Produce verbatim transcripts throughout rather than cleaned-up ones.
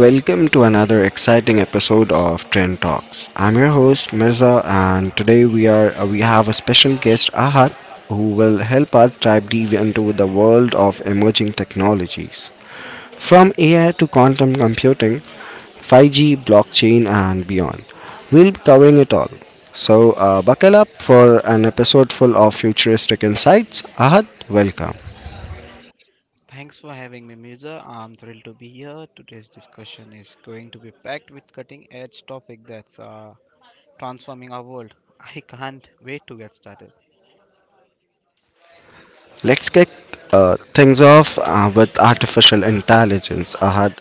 Welcome to another exciting episode of Trend Talks. I'm your host Mirza, and today we are uh, we have a special guest Ahad, who will help us dive deep into the world of emerging technologies, from A I to quantum computing, five G, blockchain, and beyond. We'll be covering it all. So uh, buckle up for an episode full of futuristic insights. Ahad, welcome. Thanks for having me, Mirza. I'm thrilled to be here. Today's discussion is going to be packed with cutting edge topic that's uh, transforming our world. I can't wait to get started. Let's kick uh, Things off uh, with artificial intelligence. Ahad,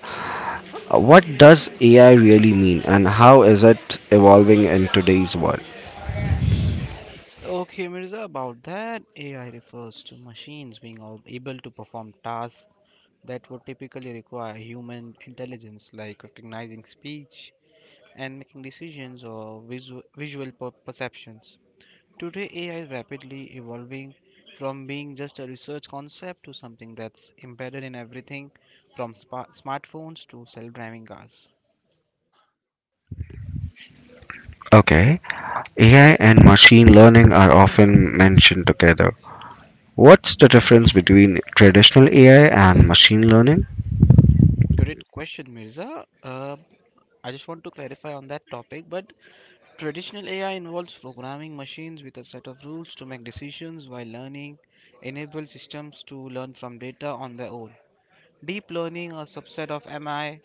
Uh, What does A I really mean and how is it evolving in today's world? Okay, Mirza, about that, A I refers to machines being al- able to perform tasks that would typically require human intelligence, like recognizing speech and making decisions or visu- visual per- perceptions. Today, A I is rapidly evolving from being just a research concept to something that's embedded in everything from spa- smartphones to self driving cars. Okay, A I and machine learning are often mentioned together. What's the difference between traditional A I and machine learning? Great question, Mirza. Uh, I just want to clarify on that topic, but traditional A I involves programming machines with a set of rules to make decisions while learning, enable systems to learn from data on their own. Deep learning, a subset of M I,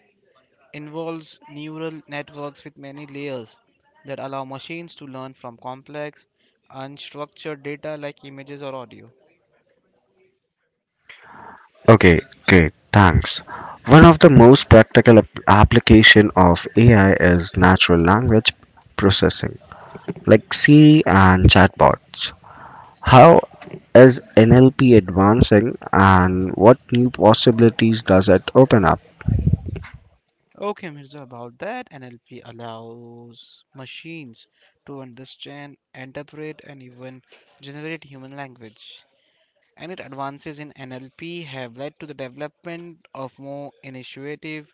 involves neural networks with many layers that allow machines to learn from complex, unstructured data like images or audio. Okay, great, thanks. One of the most practical ap- application of A I is natural language processing, like Siri and chatbots. How is N L P advancing and what new possibilities does it open up? Okay, Mirza, about that, N L P allows machines to understand, interpret, and even generate human language. And it advances in N L P have led to the development of more initiative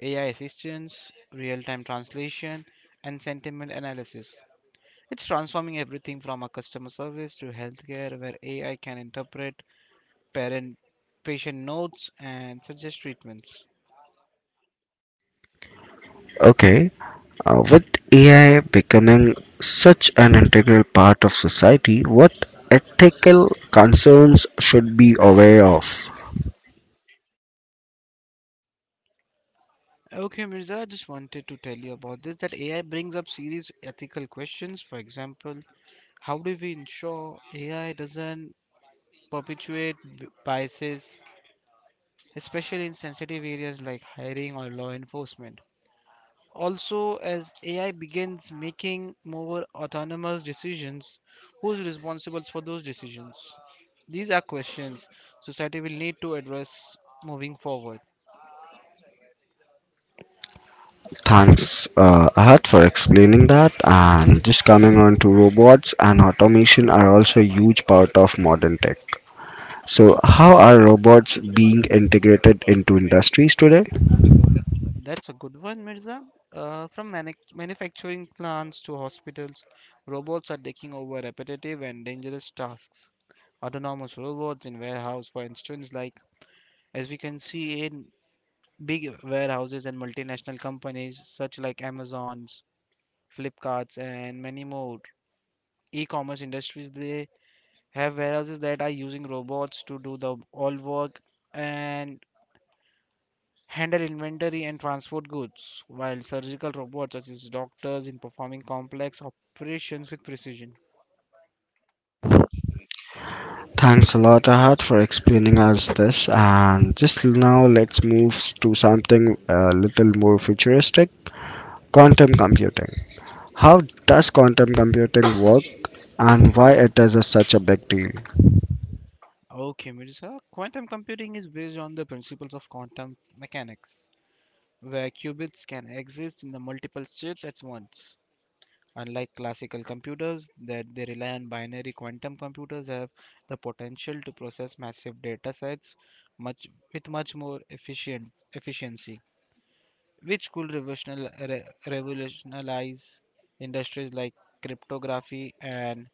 A I assistance, real time translation, and sentiment analysis. It's transforming everything from a customer service to healthcare, where A I can interpret parent patient notes and suggest treatments. Okay, uh, with A I becoming such an integral part of society, what ethical concerns should be aware of? Okay, Mirza, I just wanted to tell you about this that A I brings up serious ethical questions. For example, how do we ensure A I doesn't perpetuate b- biases, especially in sensitive areas like hiring or law enforcement? Also, as A I begins making more autonomous decisions, who's responsible for those decisions? These are questions society will need to address moving forward. Thanks, uh, Ahat, for explaining that. And just coming on to robots and automation are also a huge part of modern tech. So, how are robots being integrated into industries today? That's a good one, Mirza. Uh, from manic manufacturing plants to hospitals, robots are taking over repetitive and dangerous tasks. Autonomous robots in warehouse, for instance, like as we can see in big warehouses and multinational companies such like Amazon's, Flipkart's, and many more. E-commerce industries they have warehouses that are using robots to do the all work and handle inventory and transport goods, while surgical robots assist doctors in performing complex operations with precision. Thanks a lot, Ahad, for explaining us this. And just now, let's move to something a little more futuristic quantum computing. How does quantum computing work and why it is a, such a big deal? Okay, Mirza, quantum computing is based on the principles of quantum mechanics, where qubits can exist in the multiple states at once. Unlike classical computers that they rely on binary, quantum computers have the potential to process massive data sets much with much more efficient efficiency, which could revolutional- re- revolutionize industries like cryptography and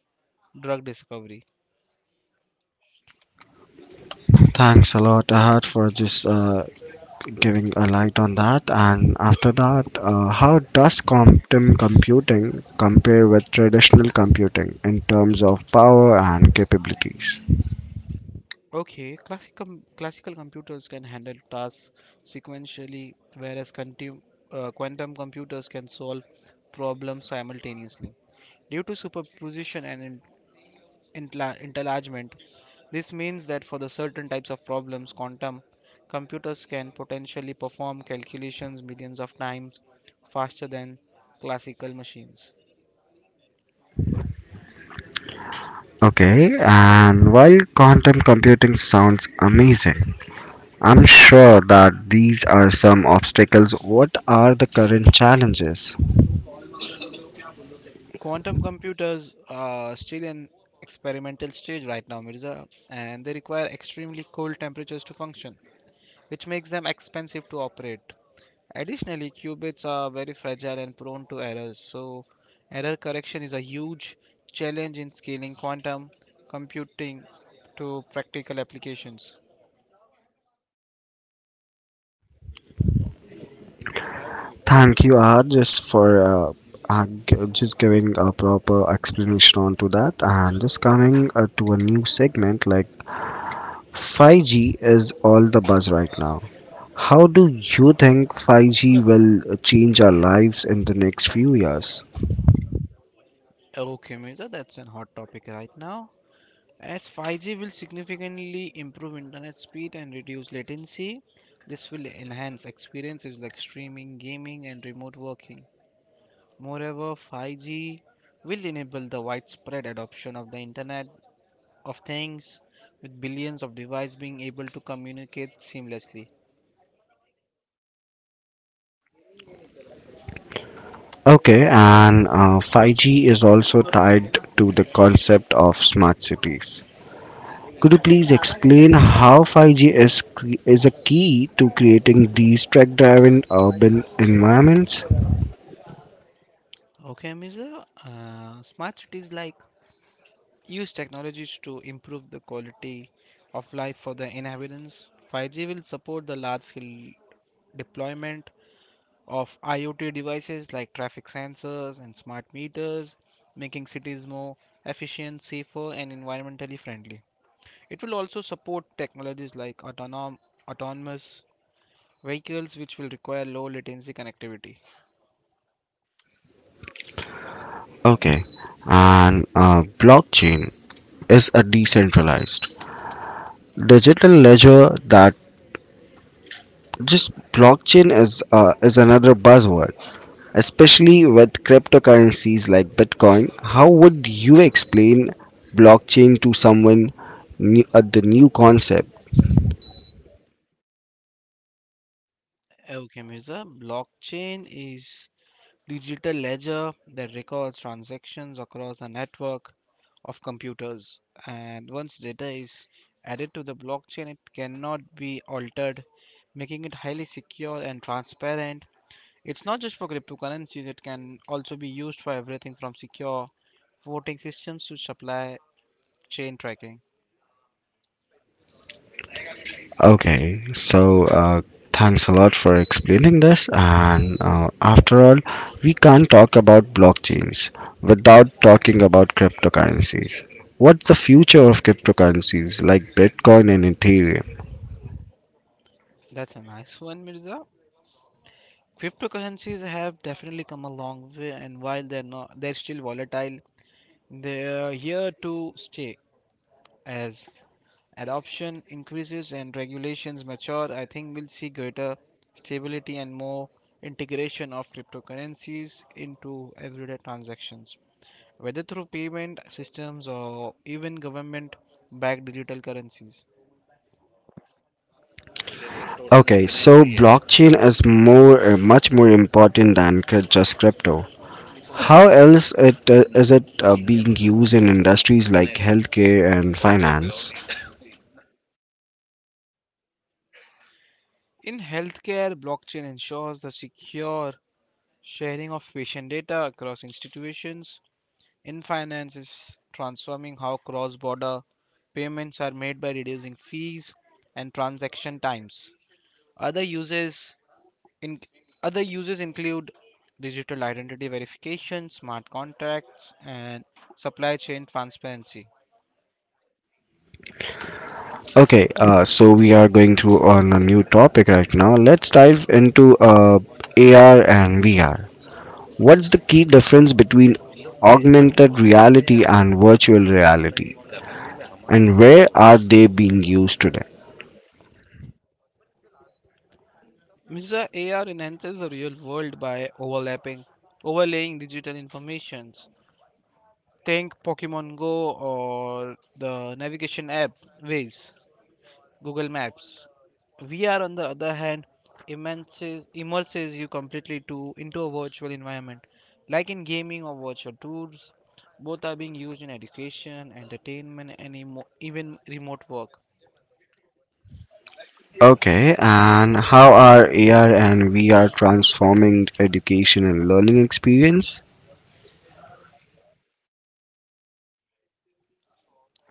drug discovery. Thanks a lot, Ahad, for just uh, giving a light on that. And after that, uh, how does quantum computing compare with traditional computing in terms of power and capabilities? Okay, classic com- classical computers can handle tasks sequentially, whereas quantum, uh, quantum computers can solve problems simultaneously, due to superposition and entla- enlargement. This means that for the certain types of problems, quantum computers can potentially perform calculations millions of times faster than classical machines. Okay, and while quantum computing sounds amazing, I'm sure that these are some obstacles. What are the current challenges? Quantum computers are still in experimental stage right now, Mirza, and they require extremely cold temperatures to function, which makes them expensive to operate. Additionally, qubits are very fragile and prone to errors, so error correction is a huge challenge in scaling quantum computing to practical applications. Thank you, Arjus, for uh, uh, g- just giving a proper explanation onto that. And just coming uh, to a new segment like five G is all the buzz right now. How do you think five G will uh, change our lives in the next few years? Okay, Mirza, that's a hot topic right now. As five G will significantly improve internet speed and reduce latency, this will enhance experiences like streaming, gaming, and remote working. Moreover, five G will enable the widespread adoption of the internet of things, with billions of devices being able to communicate seamlessly. Okay, and uh, five G is also tied to the concept of smart cities. Could you please explain how five G is cre- is a key to creating these track-driven urban environments? Okay, mister Uh, smart cities like use technologies to improve the quality of life for the inhabitants. five G will support the large scale deployment of IoT devices like traffic sensors and smart meters, making cities more efficient, safer, and environmentally friendly. It will also support technologies like autonom- autonomous vehicles, which will require low latency connectivity. Okay, and uh, blockchain is a decentralized digital ledger that just blockchain is uh, is another buzzword, especially with cryptocurrencies like Bitcoin. How would you explain blockchain to someone new, uh, the new concept? Okay, Mirza, blockchain is digital ledger that records transactions across a network of computers. And once data is added to the blockchain, it cannot be altered, making it highly secure and transparent. It's not just for cryptocurrencies, it can also be used for everything from secure voting systems to supply chain tracking. Okay, so uh, thanks a lot for explaining this. And uh, after all, we can't talk about blockchains without talking about cryptocurrencies. What's the future of cryptocurrencies like Bitcoin and Ethereum? That's a nice one, Mirza. Cryptocurrencies have definitely come a long way, and while they're not, they're still volatile. They're here to stay. As adoption increases and regulations mature, I think we'll see greater stability and more integration of cryptocurrencies into everyday transactions, whether through payment systems or even government backed digital currencies. Okay, so blockchain is more, uh, much more important than cr- just crypto. How else it uh, is it uh, being used in industries like healthcare and finance? In healthcare, blockchain ensures the secure sharing of patient data across institutions. In finance is transforming how cross border payments are made by reducing fees and transaction times. Other uses in other uses include digital identity verification, smart contracts, and supply chain transparency. Okay, uh, so we are going through on a new topic right now. Let's dive into uh, A R and V R. What's the key difference between augmented reality and virtual reality, and where are they being used today? Misa A R enhances the real world by overlapping, overlaying digital informations. Think Pokemon Go or the navigation app Waze, Google Maps. V R, on the other hand, immerses, immerses you completely to into a virtual environment, like in gaming or virtual tours. Both are being used in education, entertainment, and emo- even remote work. Okay, and how are A R and V R transforming education and learning experience?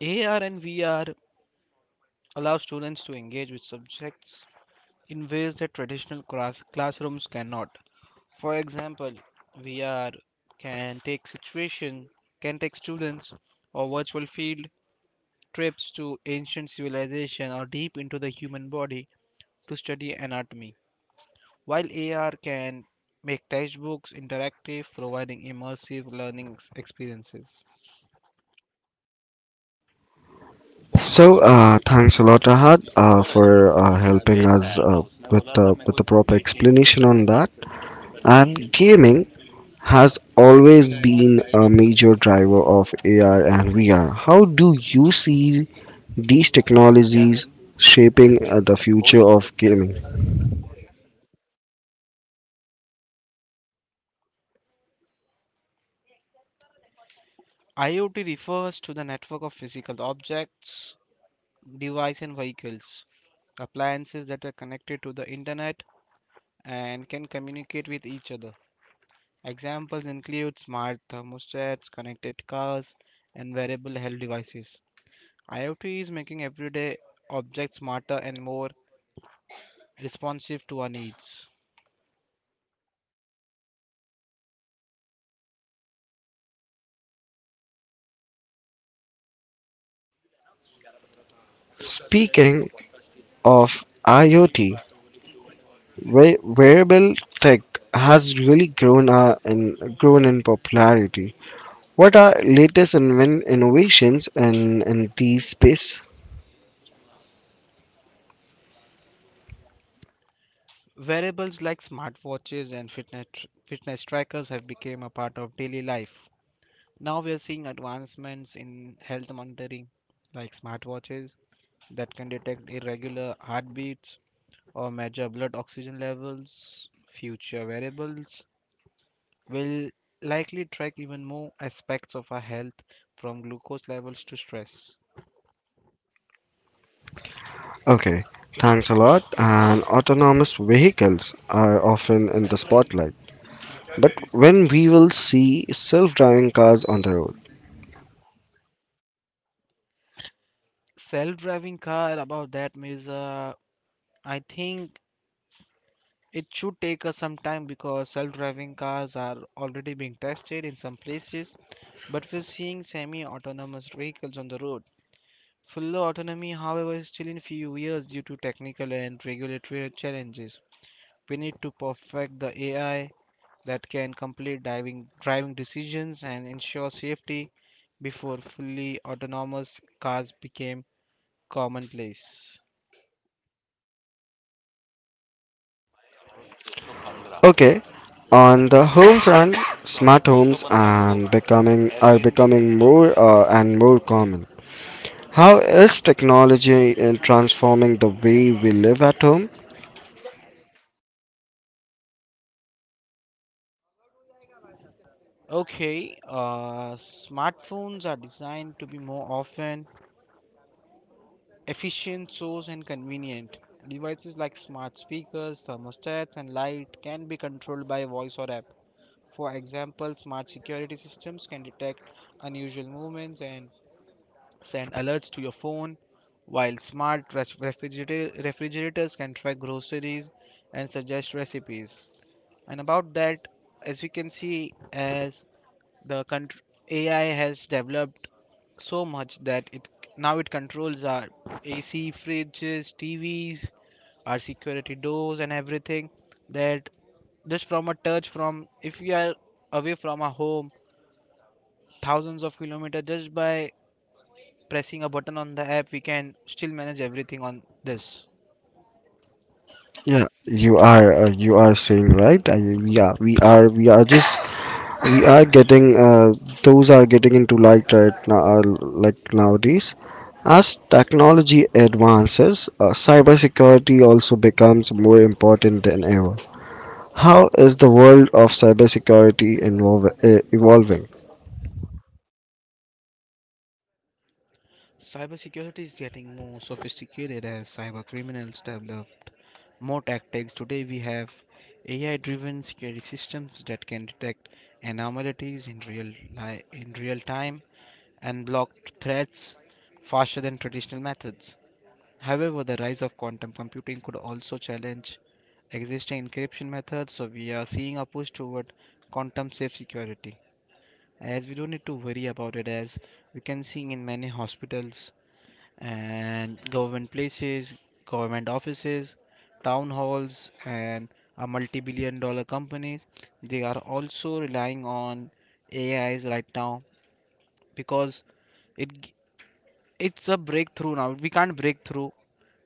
A R and V R allow students to engage with subjects in ways that traditional class- classrooms cannot. For example, V R can take situation, can take students or virtual field trips to ancient civilization or deep into the human body to study anatomy, while A R can make textbooks interactive, providing immersive learning experiences. So, uh, thanks a lot, Ahad, uh, for uh, helping us uh, with the with the proper explanation on that. And gaming has always been a major driver of A R and V R. How do you see these technologies shaping uh, the future of gaming? IoT refers to the network of physical objects, devices, and vehicles, appliances that are connected to the internet and can communicate with each other. Examples include smart thermostats, connected cars, and wearable health devices. IoT is making everyday objects smarter and more responsive to our needs. Speaking of IoT, Wa- wearable tech has really grown uh, in grown in popularity. What are latest inven- innovations in in this space? Wearables like smartwatches and fitness fitness trackers have become a part of daily life. Now we are seeing advancements in health monitoring, like smartwatches that can detect irregular heartbeats or measure blood oxygen levels. Future wearables will likely track even more aspects of our health, from glucose levels to stress. Okay, thanks a lot. And autonomous vehicles are often in the spotlight. But when we will see self-driving cars on the road? Self-driving car, about that means, uh, I think it should take us some time, because self-driving cars are already being tested in some places, but we're seeing semi-autonomous vehicles on the road. Full autonomy, however, is still in few years due to technical and regulatory challenges. We need to perfect the A I that can complete driving driving decisions and ensure safety before fully autonomous cars became commonplace. Okay, on the home front, smart homes and becoming are becoming more uh, and more common. How is technology in transforming the way we live at home? Okay, uh, smartphones are designed to be more often efficient, source, and convenient. Devices like smart speakers, thermostats, and light can be controlled by voice or app. For example, smart security systems can detect unusual movements and send alerts to your phone, while smart ref- refrigerator- refrigerators can track groceries and suggest recipes. And about that, as we can see, as the contr A I has developed so much that it now it controls our A C, fridges, T Vs, our security doors, and everything, that just from a touch, from if we are away from our home, thousands of kilometers, just by pressing a button on the app, we can still manage everything on this. Yeah, you are uh, you are saying right. I mean, yeah, we are we are just we are getting uh, those are getting into light right now uh, like nowadays. As technology advances, uh, cybersecurity also becomes more important than ever. How is the world of cybersecurity involve, uh, evolving? Cybersecurity is getting more sophisticated as cyber criminals develop more tactics. Today, we have A I driven security systems that can detect anomalies in real, li- in real time and block threats faster than traditional methods. However, the rise of quantum computing could also challenge existing encryption methods, so we are seeing a push toward quantum safe security. As we don't need to worry about it, as we can see in many hospitals and government places, government offices, town halls, and a multi billion dollar companies. They are also relying on A Is right now, because it g- it's a breakthrough now. We can't break through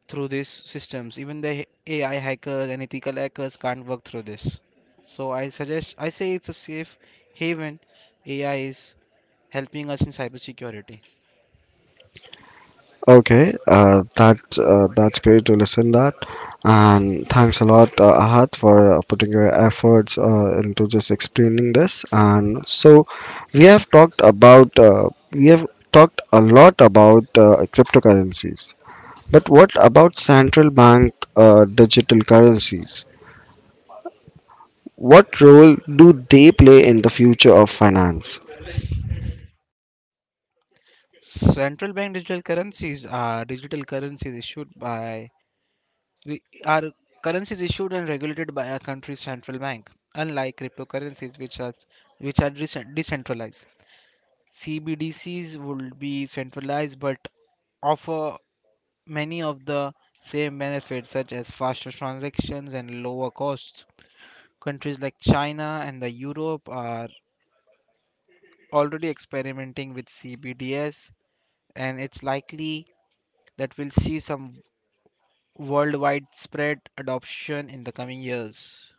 through these systems. Even the h- A I hackers and ethical hackers can't work through this. So I suggest I say it's a safe haven. A I is helping us in cybersecurity. Okay, uh, that uh, that's great to listen that, and thanks a lot, uh, Ahad, for uh, putting your efforts uh, into just explaining this. And so, we have talked about uh, we have talked a lot about uh, cryptocurrencies, but what about central bank uh, digital currencies? What role do they play in the future of finance? Central bank digital currencies are digital currencies issued by re- are currencies issued and regulated by a country's central bank, unlike cryptocurrencies which are which are decent- decentralized. C B D Cs would be centralized but offer many of the same benefits, such as faster transactions and lower costs. Countries like China and the Europe are already experimenting with C B D S, and it's likely that we'll see some worldwide spread adoption in the coming years.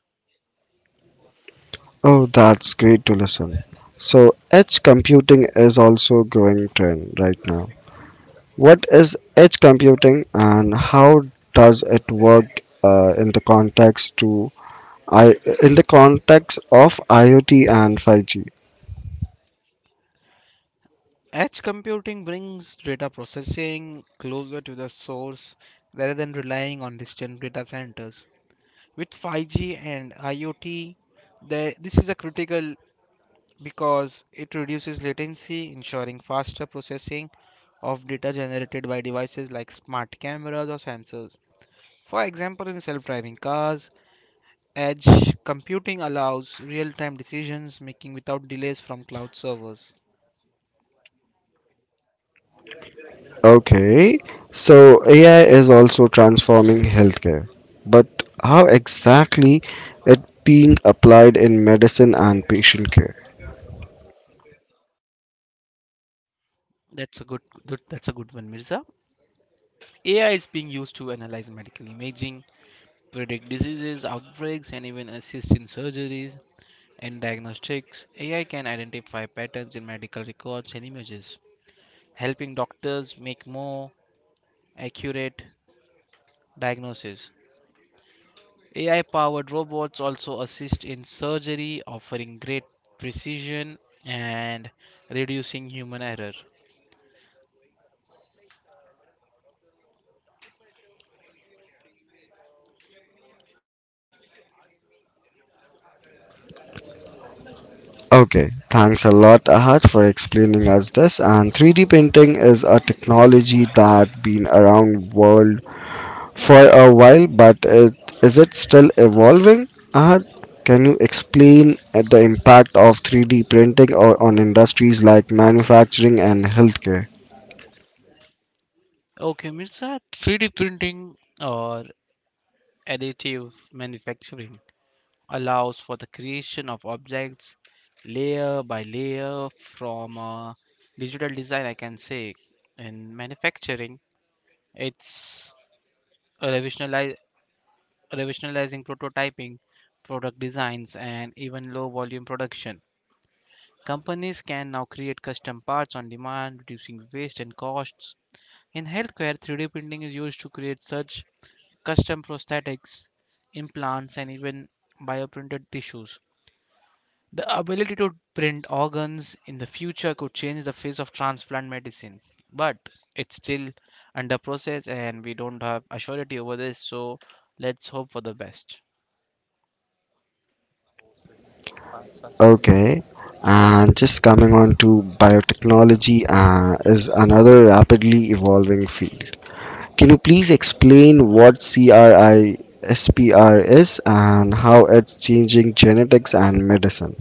Oh, that's great to listen. So, edge computing is also a growing trend right now. What is edge computing and how does it work uh, in the context to I in the context of IoT and five G? Edge computing brings data processing closer to the source rather than relying on distant data centers. With five G and IoT, the, this is a critical, because it reduces latency, ensuring faster processing of data generated by devices like smart cameras or sensors. For example, in self driving cars, edge computing allows real-time decisions making without delays from cloud servers. Okay, so A I is also transforming healthcare, but how exactly it being applied in medicine and patient care? That's a good, good that's a good one, Mirza. A I is being used to analyze medical imaging, predict diseases, outbreaks, and even assist in surgeries and diagnostics. A I can identify patterns in medical records and images, helping doctors make more accurate diagnoses. A I powered robots also assist in surgery, offering great precision and reducing human error. Okay, thanks a lot, Ahad, for explaining us this. And three D printing is a technology that been around world for a while, but it, is it still evolving? Ahad, can you explain uh, the impact of three D printing o- on industries like manufacturing and healthcare? Okay, Mirza, three D printing, or additive manufacturing, allows for the creation of objects layer by layer from uh, digital design, I can say. In manufacturing, it's revolutionali- revolutionizing prototyping, product designs, and even low volume production. Companies can now create custom parts on demand, reducing waste and costs. In healthcare, three D printing is used to create such custom prosthetics, implants, and even bioprinted tissues. The ability to print organs in the future could change the face of transplant medicine, but it's still under process and we don't have assurity over this, so let's hope for the best. Okay, and just coming on to biotechnology uh, is another rapidly evolving field. Can you please explain what CRISPR is and how it's changing genetics and medicine?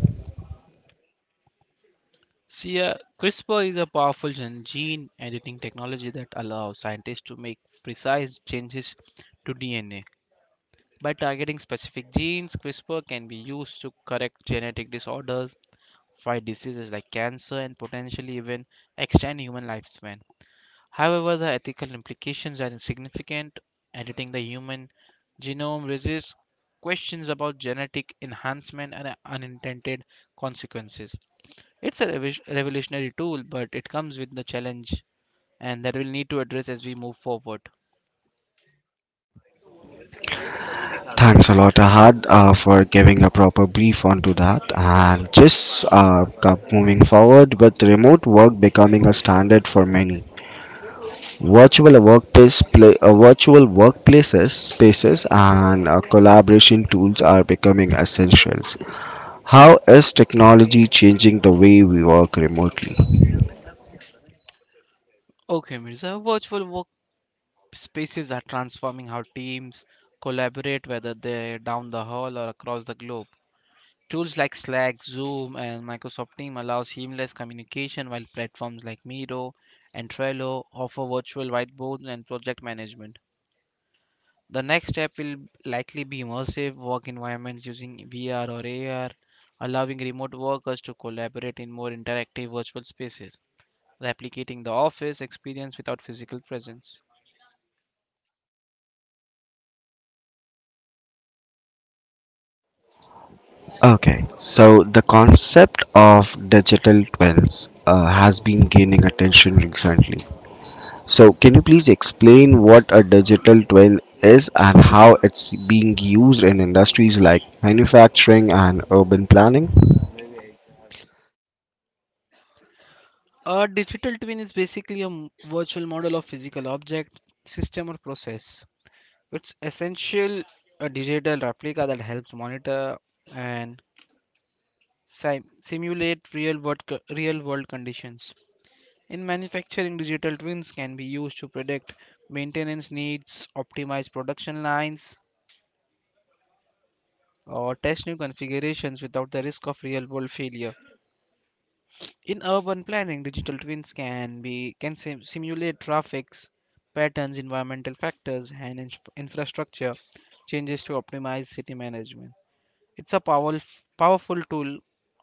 See, uh, CRISPR is a powerful gen- gene editing technology that allows scientists to make precise changes to D N A. By targeting specific genes, CRISPR can be used to correct genetic disorders, fight diseases like cancer, and potentially even extend human lifespan. However, the ethical implications are significant. Editing the human genome raises questions about genetic enhancement and uh, unintended consequences. It's a revis- revolutionary tool, but it comes with the challenge and that we'll need to address as we move forward. Thanks a lot, Ahad, uh, for giving a proper brief onto that. And just uh, co- moving forward with remote work becoming a standard for many. Virtual workplace, pla- uh, virtual workplaces, spaces, and uh, collaboration tools are becoming essentials. How is technology changing the way we work remotely? Okay, Mirza, virtual workspaces are transforming how teams collaborate, whether they're down the hall or across the globe. Tools like Slack, Zoom, and Microsoft Team allow seamless communication, while platforms like Miro and Trello offer virtual whiteboards and project management. The next step will likely be immersive work environments using V R or A R, allowing remote workers to collaborate in more interactive virtual spaces, replicating the office experience without physical presence. Okay, so the concept of digital twins uh, has been gaining attention recently. So, can you please explain what a digital twin is and how it's being used in industries like manufacturing and urban planning? A digital twin is basically a m- virtual model of physical object, system or process. It's essential a digital replica that helps monitor and sim- simulate real world co- real world conditions. In manufacturing, digital twins can be used to predict maintenance needs, optimize production lines, or test new configurations without the risk of real-world failure. In urban planning, digital twins can be can sim- simulate traffic patterns, environmental factors, and inf- infrastructure changes to optimize city management. It's a powerful powerful tool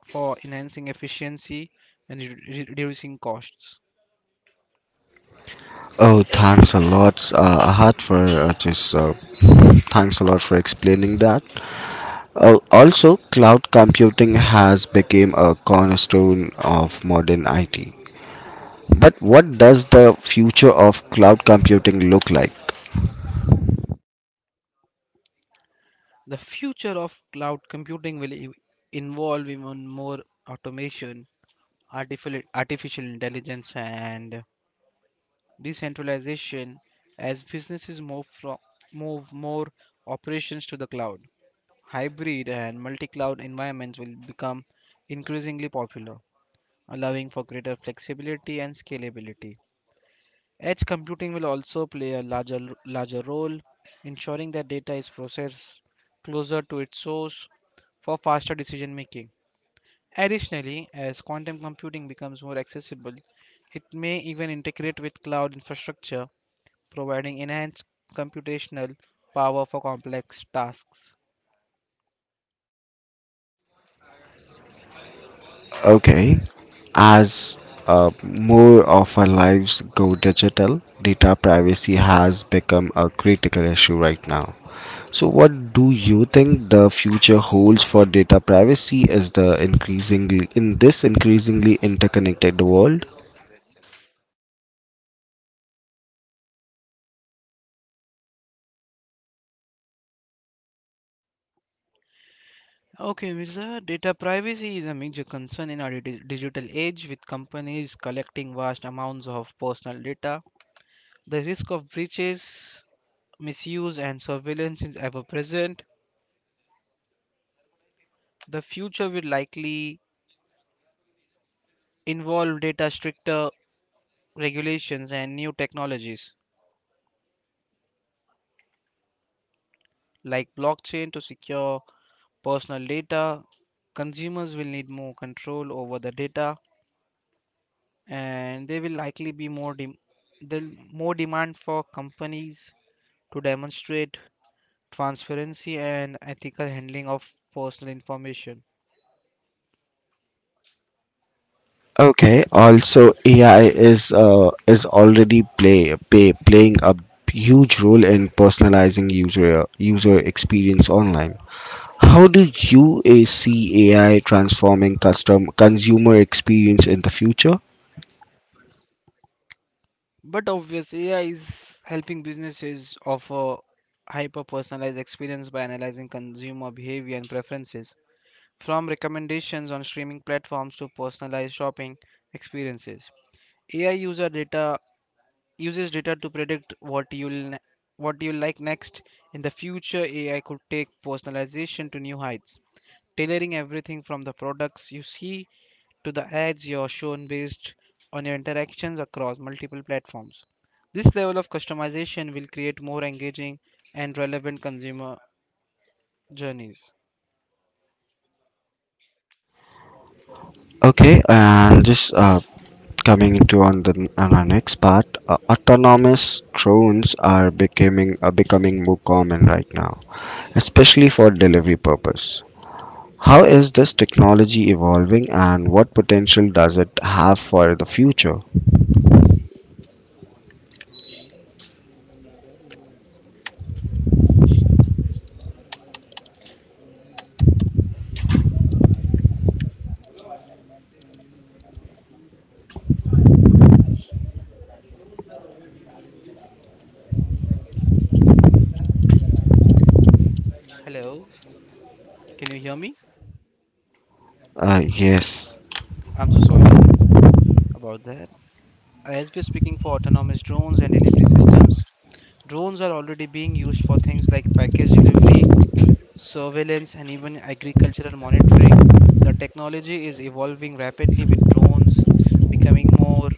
for enhancing efficiency and re- re- reducing costs. Oh, thanks a lot, uh, Ahad, for uh, just uh, thanks a lot for explaining that. Uh, also, cloud computing has become a cornerstone of modern I T. But what does the future of cloud computing look like? The future of cloud computing will ev- involve even more automation, artificial, artificial intelligence, and decentralization as businesses move, from, move more operations to the cloud. Hybrid and multi cloud environments will become increasingly popular, allowing for greater flexibility and scalability. Edge computing will also play a larger, larger role, ensuring that data is processed closer to its source for faster decision making. Additionally, as quantum computing becomes more accessible, it may even integrate with cloud infrastructure, providing enhanced computational power for complex tasks. Okay. As uh, more of our lives go digital, data privacy has become a critical issue right now. So, what do you think the future holds for data privacy is the increasingly in this increasingly interconnected world? Okay, Mirza, data privacy is a major concern in our di- digital age, with companies collecting vast amounts of personal data. The risk of breaches, misuse, and surveillance is ever present. The future will likely involve data stricter regulations and new technologies like blockchain to secure personal data. Consumers will need more control over the data, and there will likely be more dem- there'll more demand for companies to demonstrate transparency and ethical handling of personal information. Okay. Also, A I is uh, is already play, play playing a huge role in personalizing user user experience online. How do U A see A I transforming custom consumer experience in the future? But obvious A I is helping businesses offer hyper personalized experience by analyzing consumer behavior and preferences, from recommendations on streaming platforms to personalized shopping experiences. A I user data uses data to predict what you'll what you will like next. In the future, A I could take personalization to new heights, tailoring everything from the products you see to the ads you're shown based on your interactions across multiple platforms. This level of customization will create more engaging and relevant consumer journeys. Okay, and just uh, coming into on the on our next part, uh, autonomous drones are becoming uh, becoming more common right now, especially for delivery purpose. How is this technology evolving, and what potential does it have for the future? Hello, can you hear me? Uh, yes. I'm so sorry about that. As we're speaking for autonomous drones and delivery systems, drones are already being used for things like package delivery, surveillance, and even agricultural monitoring. The technology is evolving rapidly with drones becoming more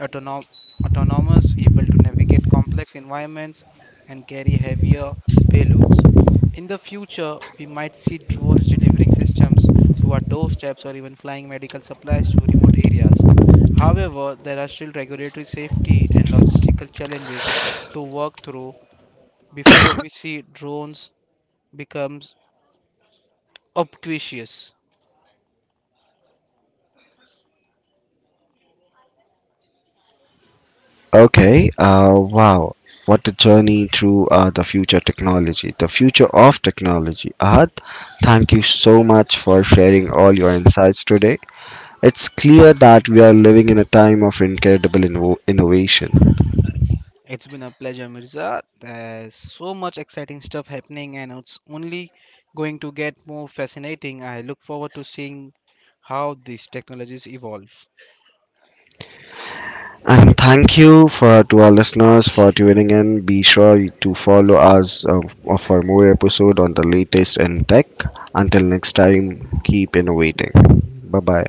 autonom- autonomous, able to navigate complex environments, and carry heavier payloads. In the future, we might see drones delivering systems to our doorsteps or even flying medical supplies to remote areas. However, there are still regulatory safety and logistical challenges to work through before we see drones becomes obtuse. Okay, uh, wow. What a journey through uh, the future technology, the future of technology. Ahad, thank you so much for sharing all your insights today. It's clear that we are living in a time of incredible inno- innovation. It's been a pleasure, Mirza. There's so much exciting stuff happening, and it's only going to get more fascinating. I look forward to seeing how these technologies evolve. And thank you for to our listeners for tuning in. Be sure to follow us uh, for more episode on the latest in tech. Until next time, keep innovating. Bye bye.